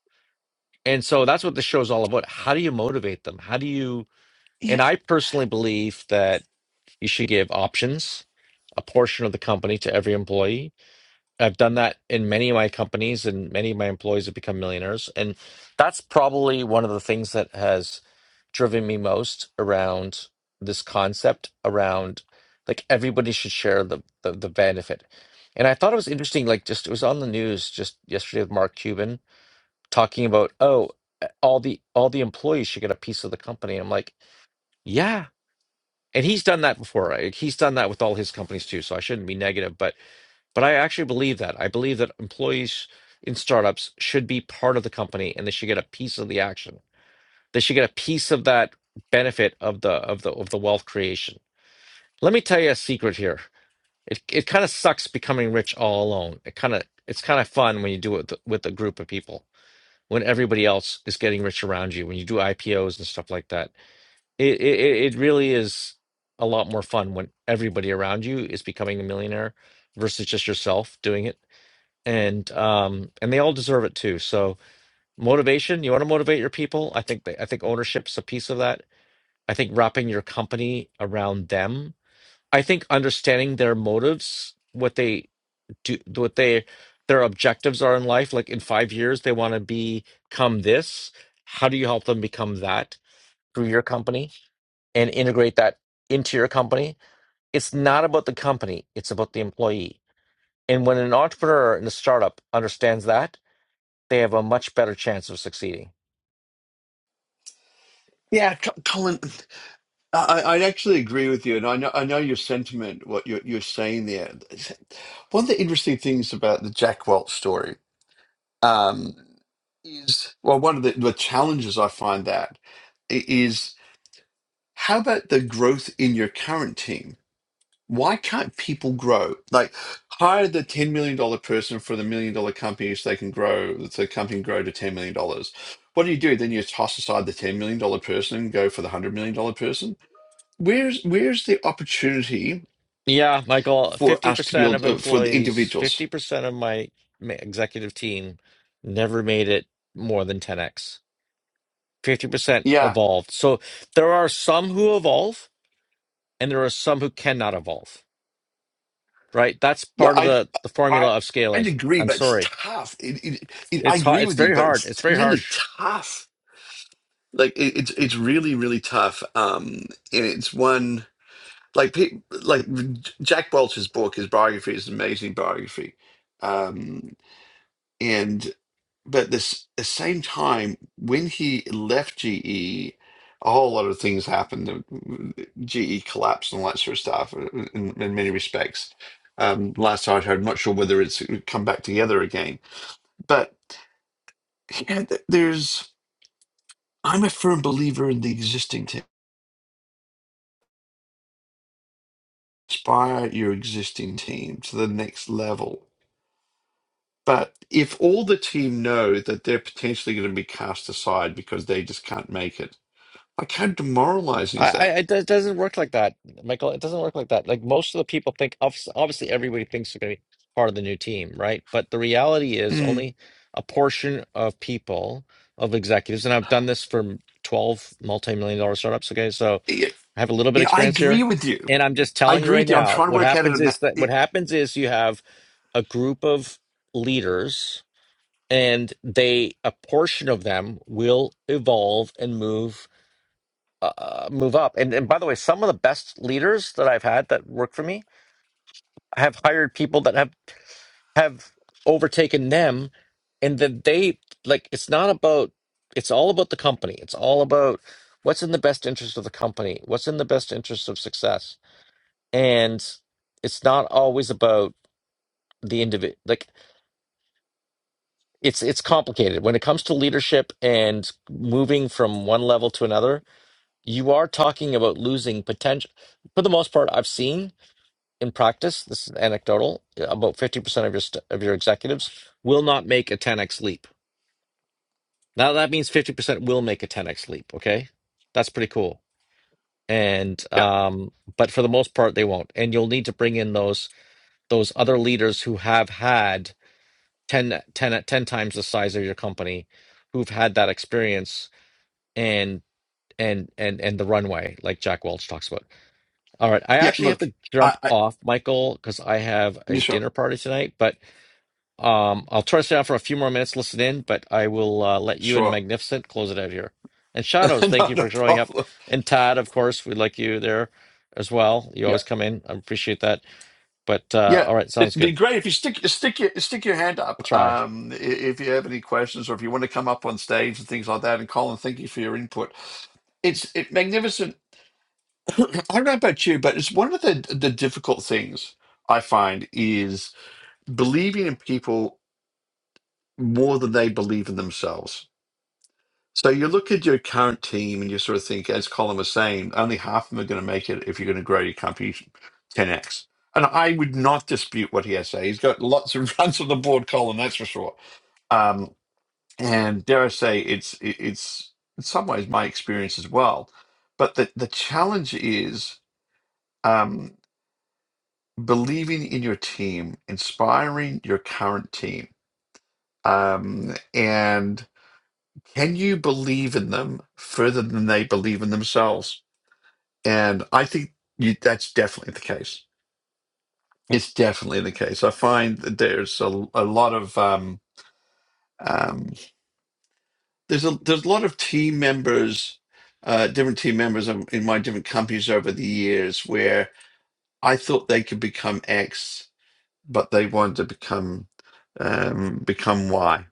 S1: And so that's what the show's all about. How do you motivate them? How do you
S2: yeah,
S1: and I personally believe that you should give options, a portion of the company to every employee. I've done that in many of my companies, and many of my employees have become millionaires. And that's probably one of the things that has driven me most around this concept around like everybody should share the, the, the benefit. And I thought it was interesting, like just it was on the news just yesterday with Mark Cuban talking about, oh, all the all the employees should get a piece of the company. I'm like, yeah and he's done that before right? Like, he's done that with all his companies too so i shouldn't be negative but but i actually believe that i believe that employees in startups should be part of the company and they should get a piece of the action they should get a piece of that benefit of the of the of the wealth creation let me tell you a secret here it, it kind of sucks becoming rich all alone it kind of it's kind of fun when you do it with, with a group of people when everybody else is getting rich around you when you do ipos and stuff like that it it it really is a lot more fun when everybody around you is becoming a millionaire versus just yourself doing it. And um and they all deserve it too. So motivation, you want to motivate your people? I think they, I think ownership's a piece of that. I think wrapping your company around them. I think understanding their motives, what they do, what they their objectives are in life. Like in five years, they want to become this. How do you help them become that through your company? and integrate that into your company. It's not about the company, it's about the employee. And when an entrepreneur in a startup understands that, they have a much better chance of succeeding.
S2: yeah, Co- Colin. I, I I actually agree with you, and I know I know your sentiment, what you're you're saying there. One of the interesting things about the Jack Welch story um, is well one of the, the challenges I find that i- is how about the growth in your current team? Why can't people grow? Like hire the ten million dollar person for the million dollar company so they can grow so the company can grow to ten million dollars. What do you do? Then you toss aside the ten million dollar person and go for the hundred million dollar person. Where's where's the opportunity
S1: Yeah, Michael,
S2: for us to
S1: 50%
S2: build
S1: of
S2: uh, for the
S1: employees,
S2: individuals?
S1: 50% of my ma- executive team never made it more than 10x. 50%
S2: Yeah,
S1: evolved. So there are some who evolve and there are some who cannot evolve. right? That's
S2: yeah.
S1: part of
S2: I'd.
S1: the the
S2: I
S1: formula of
S2: I'd
S1: scaling.
S2: agree,
S1: I'm
S2: but it's
S1: sorry,
S2: tough. It, it, it, I
S1: it's hard.
S2: agree
S1: It's
S2: with you,
S1: very
S2: but
S1: hard. It's
S2: it's
S1: very
S2: really
S1: harsh.
S2: tough. Like it, it's it's really really tough. Um, and it's one like pe- like Jack Welch's book, his biography is an amazing biography. Um, and but this the same time when he left GE, a whole lot of things happened. GE collapsed and all that sort of stuff uh, in, in many respects. Um, last I heard, I'm not sure whether it's come back together again but yeah, th- there's I'm a firm believer in the existing team. Inspire your existing team to the next level. But if all the team know that they're potentially going to be cast aside because they just can't make it, like how demoralizing
S1: I,
S2: is
S1: I
S2: that?
S1: it do- doesn't work like that, Michael. It doesn't work like that. Like most of the people think, obvi- obviously, everybody thinks they're going to be part of the new team, right? But the reality is,
S2: Mm.
S1: only a portion of people, of executives, and I've done this for 12 multi-million dollar startups. Okay, so
S2: Yeah,
S1: I have a little bit of
S2: yeah, I
S1: experience
S2: agree
S1: here,
S2: with you.
S1: and I'm just
S2: I
S1: telling you
S2: agree
S1: right
S2: with you. I'm
S1: now,
S2: trying to
S1: what
S2: work out a
S1: happens
S2: ma-
S1: is that
S2: yeah,
S1: what happens is you have a group of leaders and they a portion of them will evolve and move uh, move up and and by the way some of the best leaders that i've had that work for me have hired people that have have overtaken them and that they like it's not about it's all about the company it's all about what's in the best interest of the company what's in the best interest of success and it's not always about the individual. Like it's it's complicated when it comes to leadership and moving from one level to another you are talking about losing potential for the most part i've seen in practice this is anecdotal uh, about 50% of your st- of your executives will not make a 10x leap now that means 50% will make a 10x leap okay that's pretty cool and
S2: yeah,
S1: um but for the most part they won't and you'll need to bring in those those other leaders who have had 10 10 ten times the size of your company who've had that experience and and and and the runway like jack welch talks about all right i
S2: yeah.
S1: actually have
S2: Look,
S1: to
S2: I,
S1: jump
S2: I
S1: off michael because i have
S2: yeah,
S1: a
S2: sure,
S1: dinner party tonight but um i'll try to stay on for a few more minutes listen in but i will uh, let you and
S2: sure,
S1: magnificent close it out here and
S2: [laughs]
S1: shadows thank you
S2: not a
S1: for showing up
S2: problem.
S1: and tad of course we like you there as well you always come in i appreciate that but uh
S2: Yeah,
S1: all right
S2: it'd
S1: sounds
S2: be
S1: good
S2: great if you stick stick your stick your hand
S1: i'll
S2: up.
S1: try
S2: Um, i- if you have any questions or if you want to come up on stage and things like that. And Colin, thank you for your input. It's it, magnificent. [clears throat] I don't know about you, but it's one of the the difficult things I find is believing in people more than they believe in themselves. So you look at your current team and you sort of think, as Colin was saying, only half of them are going to make it if you're going to grow your company 10x. And I would not dispute what he has to say. He's got lots of [laughs] runs on the board, Colin, that's for sure. Um, and dare I say, it's it- it's in some ways my experience as well. But the the challenge is um, believing in your team, inspiring your current team, um, and can you believe in them further than they believe in themselves? And I think you, that's definitely the case. It's definitely the case. I find that there's a, a lot of um, um, there's a there's a lot of team members, uh, different team members in in my different companies over the years where I thought they could become X, but they wanted to become um, become Y.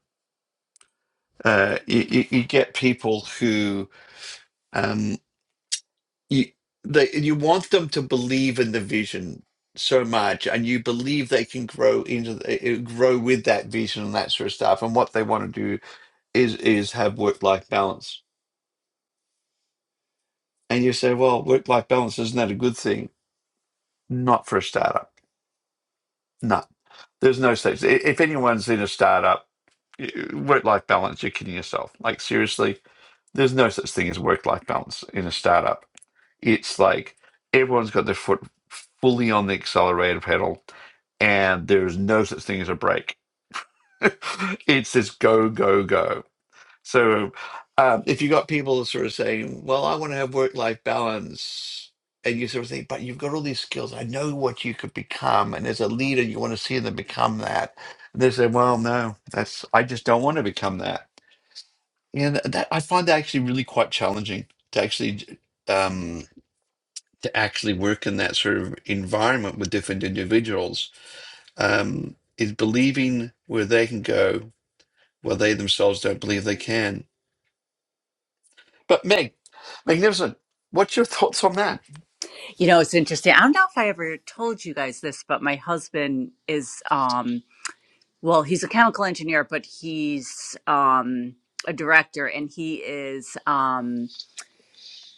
S2: Uh, you, you you get people who um, you they you want them to believe in the vision so much and you believe they can grow into the, uh, grow with that vision and that sort of stuff and what they want to do is is have work life balance and you say well work life balance isn't that a good thing not for a startup No. There's no such. i- If anyone's in a startup, work life balance, you're kidding yourself. Like seriously, there's no such thing as work life balance in a startup. It's like everyone's got their foot fully on the accelerator pedal, and there is no such thing as a break. [laughs] it's this go go go. So, um, if you got people sort of saying, "Well, I want to have work-life balance," and you sort of think, "But you've got all these skills. I know what you could become, and as a leader, you want to see them become that," and they say, "Well, no, that's I just don't want to become that." And that I find that actually really quite challenging to actually um, to actually work in that sort of environment with different individuals um, is believing where they can go where they themselves don't believe they can But Meg, magnificent. What's your thoughts on that?
S3: You know, it's interesting. I don't know if I ever told you guys this, but my husband is um well, he's a chemical engineer, but he's um a director and he is um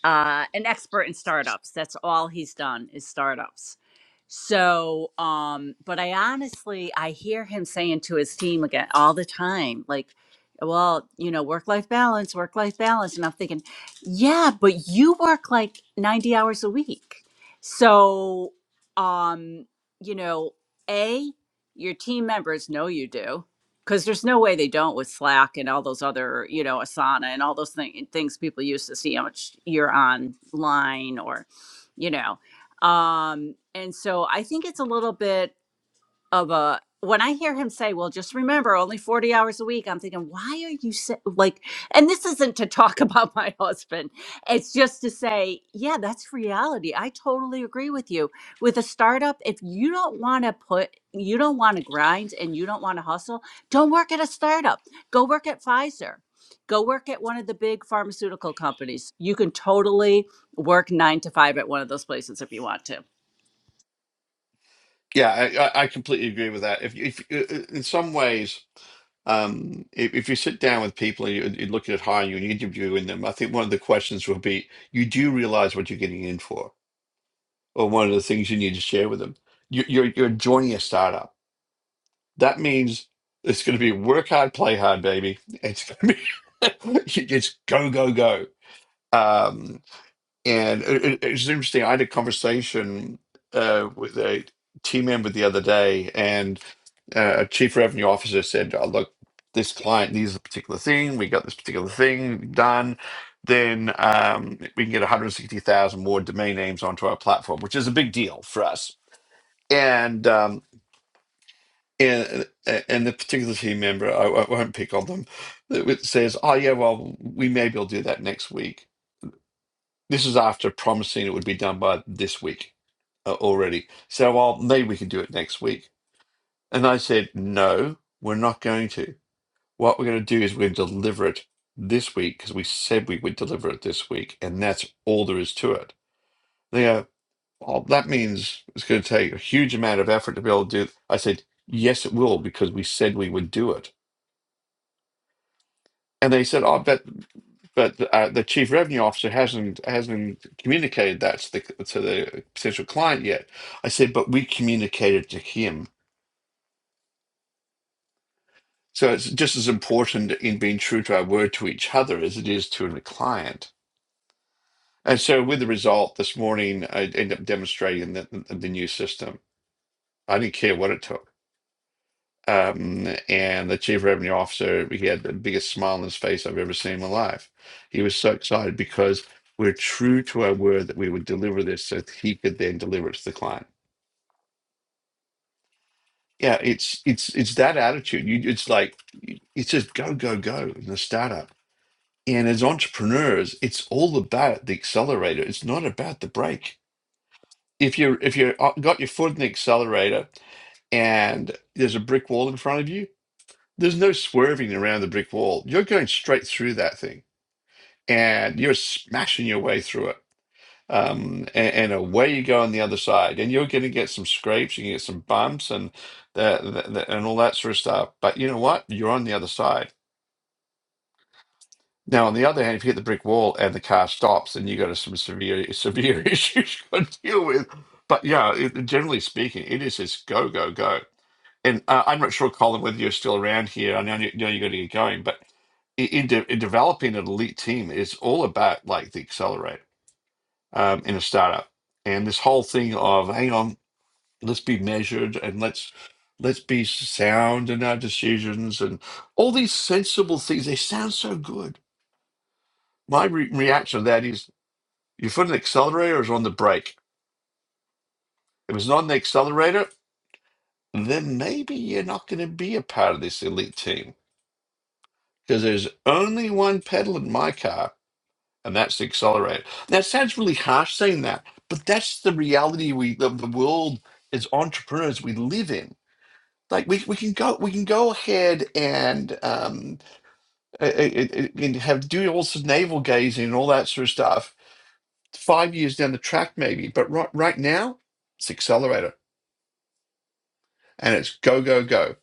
S3: uh, an expert in startups. That's all he's done is startups. So, um, but I honestly, I hear him saying to his team again all the time, like, well, you know, work life balance, work life balance. And I'm thinking, yeah, but you work like 90 hours a week. So, um, you know, A, your team members know you do because there's no way they don't with Slack and all those other, you know, Asana and all those thing, things people use to see how much you're online or, you know. Um, and so I think it's a little bit of a when I hear him say, "Well, just remember, only forty hours a week," I'm thinking, "Why are you sa- like?" And this isn't to talk [laughs] about my husband. It's just to say, yeah, that's reality. I totally agree with you. With a startup, if you don't want to put, you don't want to grind, and you don't want to hustle, don't work at a startup. Go work at Pfizer. Go work at one of the big pharmaceutical companies. You can totally work nine to five at one of those places if you want to
S2: Yeah, I, I I completely agree with that. If, if uh, uh, in some ways, um, if, if you sit down with people and you, you looking at hiring you and you interviewing them, I think one of the questions will be, you do realize what you're getting in for, or one of the things you need to share with them. You, you're you're joining a startup. That means it's going to be work hard, play hard, baby. It's going to be [laughs] you just go go go. Um, And it, it- it's interesting. I had a conversation uh, with a team member the other day, and uh, a chief revenue officer said, oh, "Look, this client needs a particular thing. We got this particular thing done. Then um, we can get 160,000 more domain names onto our platform, which is a big deal for us." And um, and and the particular team member, I, I won't pick on them, that says, "Oh yeah, well, we maybe will do that next week." This is after promising it would be done by this week uh, already. So, well, maybe we can do it next week. And I said, no, we're not going to. What we're going to do is we're going to deliver it this week because we said we would deliver it this week. And that's all there is to it. They go, well, that means it's going to take a huge amount of effort to be able to do. it. I said, yes, it will because we said we would do it. And they said, oh, but But uh, the chief revenue officer hasn't hasn't communicated that to the to the potential client yet. I said, but we communicated to him. So it's just as important in being true to our word to each other as it is to the client. And so with the result this morning, I ended up demonstrating the, the new system. I didn't care what it took. Um, and the chief revenue officer, he had the biggest smile on his face I've ever seen in my life. He was so excited because we're true to our word that we would deliver this so that he could then deliver it to the client. Yeah, it's it's it's that attitude. You it's like it's just go, go, go in the startup. And as entrepreneurs, it's all about the accelerator. It's not about the brake. If you're if you got your foot in the accelerator and there's a brick wall in front of you, There's no swerving around the brick wall. You're going straight through that thing and you're smashing your way through it. Um, and, and away you go on the other side. And you're going to get some scrapes, you can get some bumps and the, the, the, and all that sort of stuff. But you know what? You're on the other side. Now, on the other hand, if you hit the brick wall and the car stops, then you got some severe severe [laughs] issues you got to deal with. But yeah, it, generally speaking, it is just go go go. And uh, I'm not sure, Colin, whether you're still around here. I know you know you got to get going, but i- in, de- in developing an elite team it's all about like the accelerator um, in a startup, and this whole thing of hang on, let's be measured and let's let's be sound in our decisions and all these sensible things. They sound so good my re- reaction to that is your foot on the accelerator is on the brake. If it's not on the accelerator, then maybe you're not going to be a part of this elite team because there's only one pedal in my car, and that's the accelerator. That sounds really harsh saying that, but that's the reality we of the world as entrepreneurs we live in. Like we, we can go we can go ahead and um uh, uh, uh, and have do all sorts of navel gazing and all that sort of stuff five years down the track, maybe. But right right now, it's accelerator and it's go, go, go.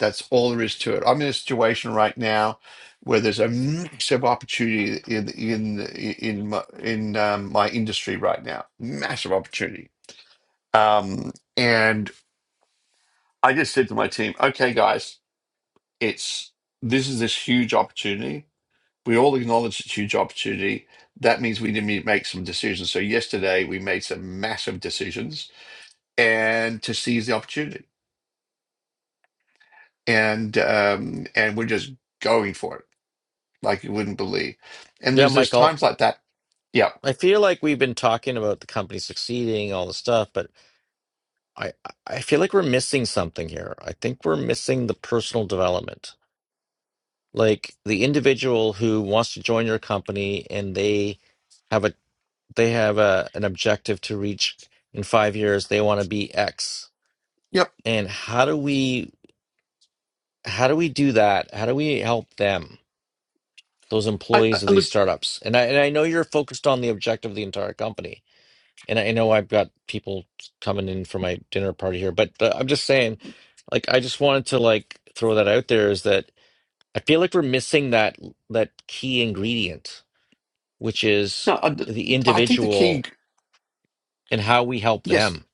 S2: That's all there is to it. I'm in a situation right now where there's a massive opportunity in in in my, in um, my industry right now. Massive opportunity. Um, and I just said to my team, okay, guys, it's this is this huge opportunity. We all acknowledge it's a huge opportunity. That means we need to make some decisions. So yesterday we made some massive decisions and to seize the opportunity. And um, and we're just going for it like you wouldn't believe. And
S1: yeah
S2: there's there's
S1: michael
S2: times like that. Yeah,
S1: i feel like we've been talking about the company succeeding all the stuff but I I feel like we're missing something here. I think we're missing the personal development. Like the individual who wants to join your company and they have a they have a an objective to reach in 5 years, they want to be X.
S2: yep.
S1: And how do we how do we do that? How do we help them? Those
S2: I, I
S1: employees of these
S2: look.
S1: startups. And I and I know you're focused on the objective of the entire company And I know I've got people coming in for my dinner party here, but uh, I'm just saying, like, I just wanted to like throw that out there is that I feel like we're missing that that key ingredient, which is
S2: No, I,
S1: the
S2: I think the key.
S1: individual and how we help
S2: Yes,
S1: them.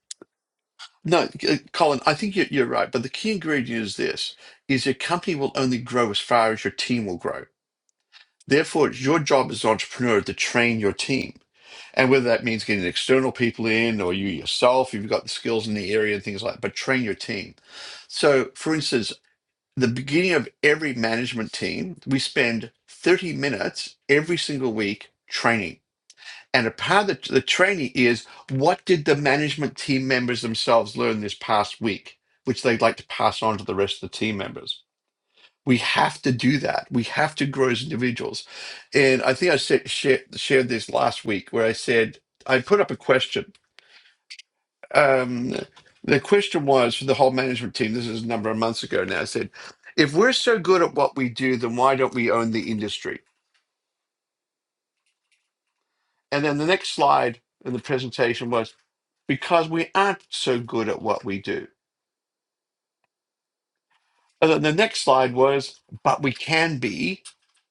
S2: no, uh, Colin. I think you're, you're right. But the key ingredient is this: is your company will only grow as far as your team will grow. Therefore, it's your job as an entrepreneur to train your team. And whether that means getting external people in or you yourself, if you've got the skills in the area and things like that, but train your team. So, for instance, the beginning of every management team, we spend 30 minutes every single week training. And a part of the, the training is what did the management team members themselves learn this past week, which they'd like to pass on to the rest of the team members. We have to do that. We have to grow as individuals. And I think I said, shared, shared this last week where I said, I put up a question um, the question was for the whole management team. This is a number of months ago now. said, if we're so good at what we do, then why don't we own the industry? And then the next slide in the presentation was because we aren't so good at what we do. And then the next slide was, but we can be.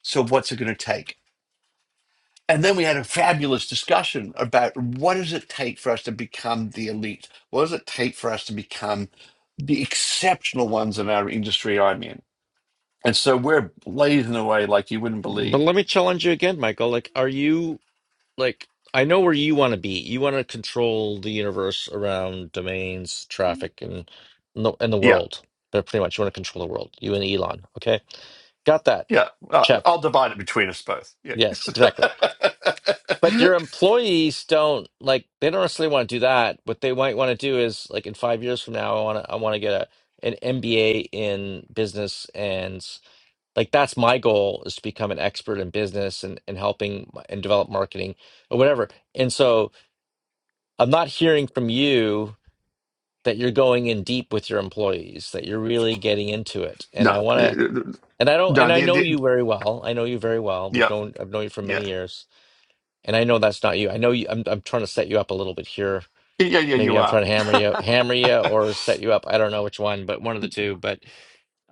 S2: So what's it going to take? And then we had a fabulous discussion about what does it take for us to become the elite? What does it take for us to become the exceptional ones in our industry I'm in? And so we're blazing away like you wouldn't
S1: But
S2: believe.
S1: let me challenge you again, Michael. Like, are you? like I know where you want to be. You want to control the universe around domains, traffic, and and the, and the
S2: Yeah,
S1: world. But pretty much, you want to control the world. You and Elon. Okay, got that.
S2: yeah. Uh,
S1: Check.
S2: I'll divide it between us both. Yeah.
S1: Yes, exactly. But your employees don't like. They don't necessarily want to do that. What they might want to do is like in five years from now, I want to. I want to get a an MBA in business and like that's my goal is to become an expert in business and, and helping and develop marketing or whatever. And so I'm not hearing from you that you're going in deep with your employees, that you're really getting into it.
S2: [laughs] no,
S1: And I
S2: uh,
S1: want to,
S2: no.
S1: and I don't, and I
S2: The,
S1: know
S2: the,
S1: you very well. I know you very well. We've
S2: yeah,
S1: known, I've known you for
S2: yeah,
S1: many years, and I know that's not you. I know you. I'm, I'm trying to set you up a little bit here.
S2: yeah, yeah.
S1: Maybe
S2: You
S1: I'm
S2: are.
S1: trying to
S2: [laughs]
S1: hammer you, hammer you, or set you up. I don't know which one, but one of the two. But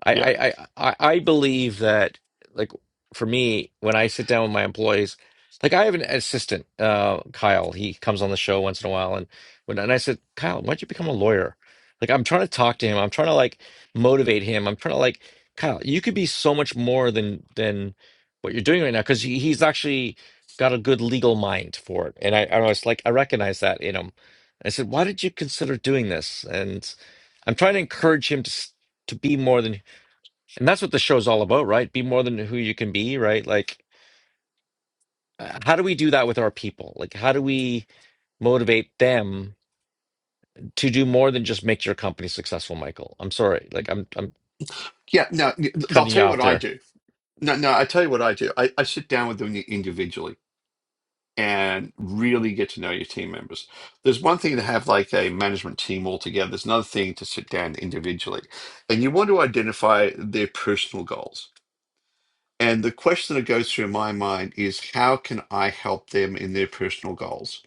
S1: I,
S2: yeah,
S1: I, I, I I believe that, like, for me, when I sit down with my employees, like, I have an assistant, uh, Kyle. He comes on the show once in a while, and when and I said, Kyle, why don't you become a lawyer? Like, I'm trying to talk to him. I'm trying to like motivate him. I'm trying to like, Kyle, you could be so much more than than what you're doing right now because he, he's actually got a good legal mind for it. And I, I was like, I recognize that in him. I said, why did you consider doing this? And I'm trying to encourage him to s- to be more than and that's what the show's all about, right? Be more than who you can be, right? Like, uh, how do we do that with our people? Like, how do we motivate them to do more than just make your company successful, Michael? I'm sorry, like, I'm I'm
S2: yeah. No, I'll
S1: cutting
S2: tell
S1: you
S2: you what
S1: off
S2: I
S1: there.
S2: do. No, no. I tell you what I do. I, I sit down with them individually and really get to know your team members. There's one thing to have like a management team all together. There's another thing to sit down individually, and you want to identify their personal goals And the question that goes through my mind is how can I help them in their personal goals?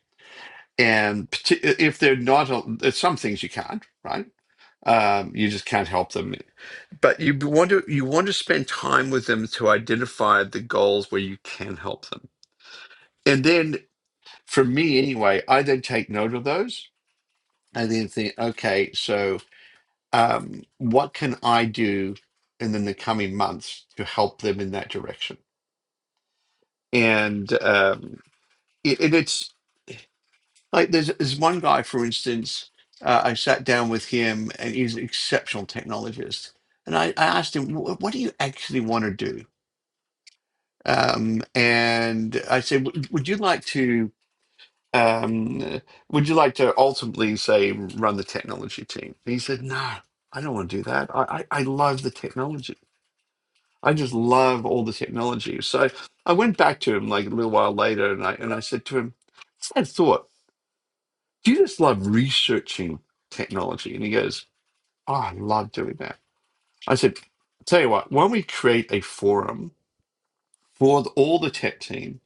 S2: And parti- if they're not, there's some things you can't, right? Um, you just can't help them. But you want to you want to spend time with them to identify the goals where you can help them. And then for me anyway, I then take note of those and then think, okay, so um, what can I do in the in the coming months to help them in that direction? And um, it, it- it's like there's, there's one guy, for instance, uh, I sat down with him and he's an exceptional technologist. And I, I asked him, "Wh- what do you actually want to do? Um, and I said, "Would would you like to, um, would you like to ultimately say run the technology team? And he said, no, I don't want to do that. I, I, I love the technology. I just love all the technology. So I went back to him like a little while later and I, and I said to him, "Sad thought. Do you just love researching technology? And he goes, Oh, I love doing that. I said, Tell you what, why don't we create a forum for the, all the tech team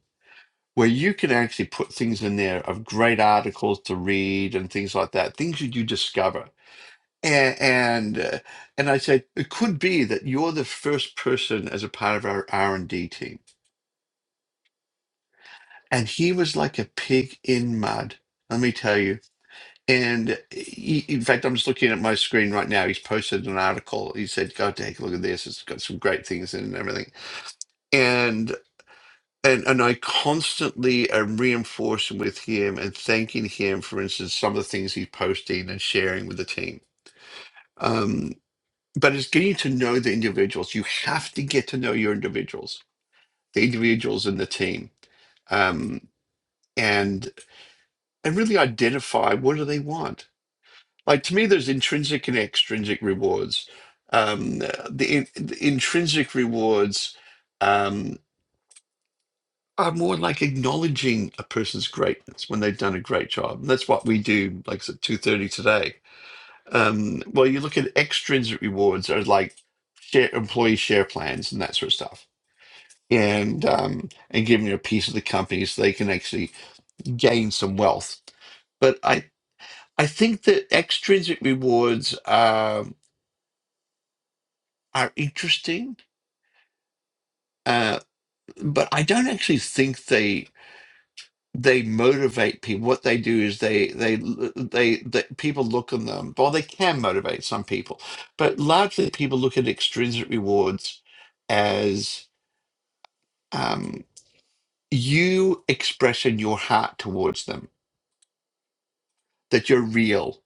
S2: where you can actually put things in there of great articles to read and things like that, things that you discover. And and, uh, and I said it could be that you're the first person as a part of our R and D team. And he was like a pig in mud. Let me tell you, And he, in fact, I'm just looking at my screen right now. He's posted an article. He said, "Go take a look at this. It's got some great things in it and everything." And and and I constantly am reinforcing with him and thanking him for instance some of the things he's posting and sharing with the team. Um, but it's getting to know the individuals. You have to get to know your individuals, the individuals in the team, um, and and really identify what do they want Like to me, there's intrinsic and extrinsic rewards. Um, the, the intrinsic rewards um, are more like acknowledging a person's greatness when they've done a great job. And that's what we do, like I said, two thirty today. Um, well, you look at extrinsic rewards are like share, employee share plans and that sort of stuff, and um, and giving you a piece of the company so they can actually gain some wealth but I I think that extrinsic rewards are. are interesting, uh, but I don't actually think they they motivate people. What they do is they they they, they people look on them. Well, they can motivate some people, but largely people look at extrinsic rewards as um, you expressing your heart towards them, that you're real.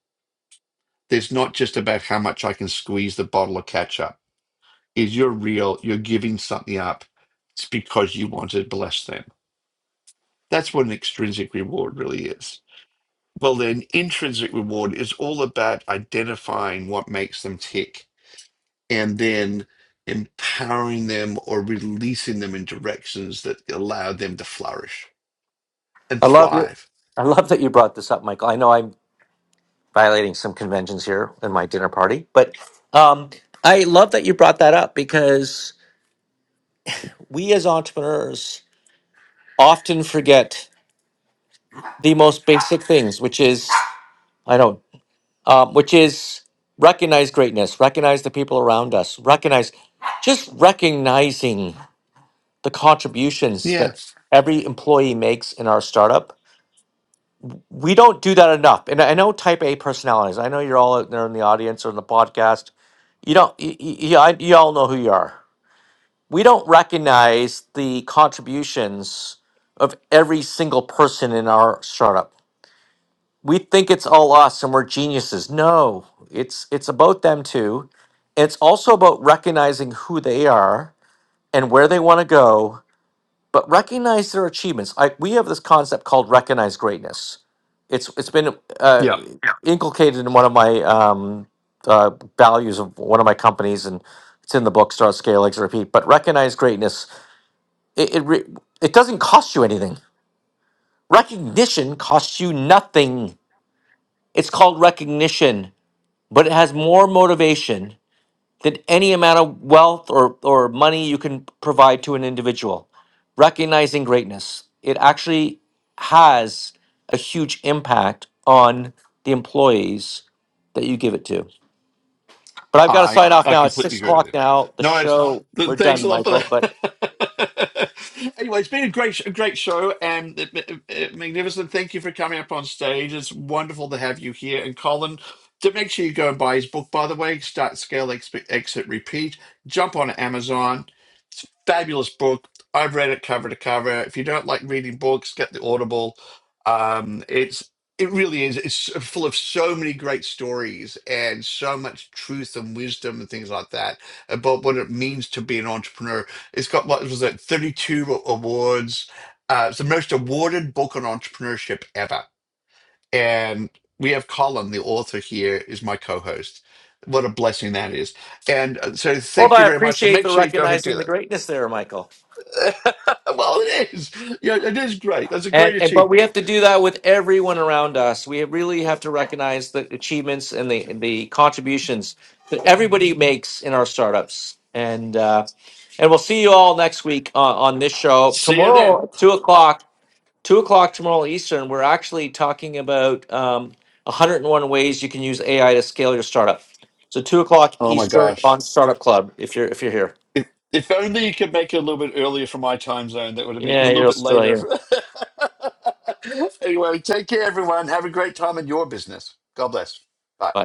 S2: There's not just about how much I can squeeze the bottle of ketchup. Is you're real. You're giving something up. It's because you want to bless them That's what an extrinsic reward really is. Well, then, intrinsic reward is all about identifying what makes them tick and then empowering them or releasing them in directions that allow them to flourish and
S1: I love you.
S2: thrive.
S1: I love that you brought this up, Michael. I know I'm violating some conventions here in my dinner party, but um, I love that you brought that up because we as entrepreneurs often forget the most basic things, which is I don't. um, which is recognize greatness, recognize the people around us, recognize just recognizing the contributions
S2: Yeah.
S1: that every employee makes in our startup. We don't do that enough. And I know type A personalities, I know you're all out there in the audience or in the podcast. You don't, you, you, I- you all know who you are. We don't recognize the contributions of every single person in our startup we think it's all us and we're geniuses. No, it's it's about them too. It's also about recognizing who they are and where they want to go, but recognize their achievements. I, we have this concept called recognize greatness. It's it's been uh,
S2: Yeah.
S1: Yeah. inculcated in one of my um, uh, values of one of my companies, and it's in the book Start Scale Exit Repeat. But recognize greatness. It it, re- it doesn't cost you anything. Recognition costs you nothing. It's called recognition but it has more motivation than any amount of wealth or, or money you can provide to an individual. Recognizing greatness, it actually has a huge impact on the employees that you give it to. But I've got to
S2: I
S1: sign off
S2: I
S1: now. It's
S2: completely
S1: six
S2: agree with
S1: o'clock
S2: you.
S1: now. The
S2: No worries.
S1: show,
S2: Th-
S1: we're
S2: Thanks
S1: done,
S2: a lot for
S1: Michael. But
S2: that. [laughs] anyway, it's been a great, a great show and it- it- it- magnificent. Thank you for coming up on stage. It's wonderful to have you here. And Colin, to make sure you go and buy his book, by the way, Start Scale Exp- Exit Repeat. Jump on Amazon. It's a fabulous book. I've read it cover to cover. If you don't like reading books, get the Audible. Um, it really is. It's so, full of so many great stories and so much truth and wisdom and things like that about what it means to be an entrepreneur. It's got what was it, 32 awards. Uh, it's the most awarded book on entrepreneurship ever. And we have Colin, the author here, is my co-host. What a blessing that is. And uh, so
S1: well,
S2: thank you
S1: I
S2: very much. And
S1: appreciate
S2: make
S1: the
S2: sure you go ahead and do
S1: recognizing the
S2: that.
S1: greatness there, Michael.
S2: [laughs] Well, it is. Yeah, it is great. That's a
S1: And,
S2: great
S1: and but
S2: achievement.
S1: we have to do that with everyone around us. We really have to recognize the achievements and the and the contributions that everybody makes in our startups. And uh, and we'll see you all next week on, on this show
S2: See you then.
S1: tomorrow, two o'clock, two o'clock tomorrow Eastern. We're actually talking about um, 101 ways you can use AI to scale your startup. So two o'clock
S2: Oh my
S1: Eastern
S2: gosh.
S1: on Startup Club. If you're if you're here,
S2: If, if only you could make it a little bit earlier for my time zone, that would have been a
S1: yeah,
S2: little
S1: you're
S2: bit
S1: still
S2: later.
S1: here.
S2: [laughs] anyway, take care, everyone. Have a great time in your business. God bless. Bye.
S1: Bye.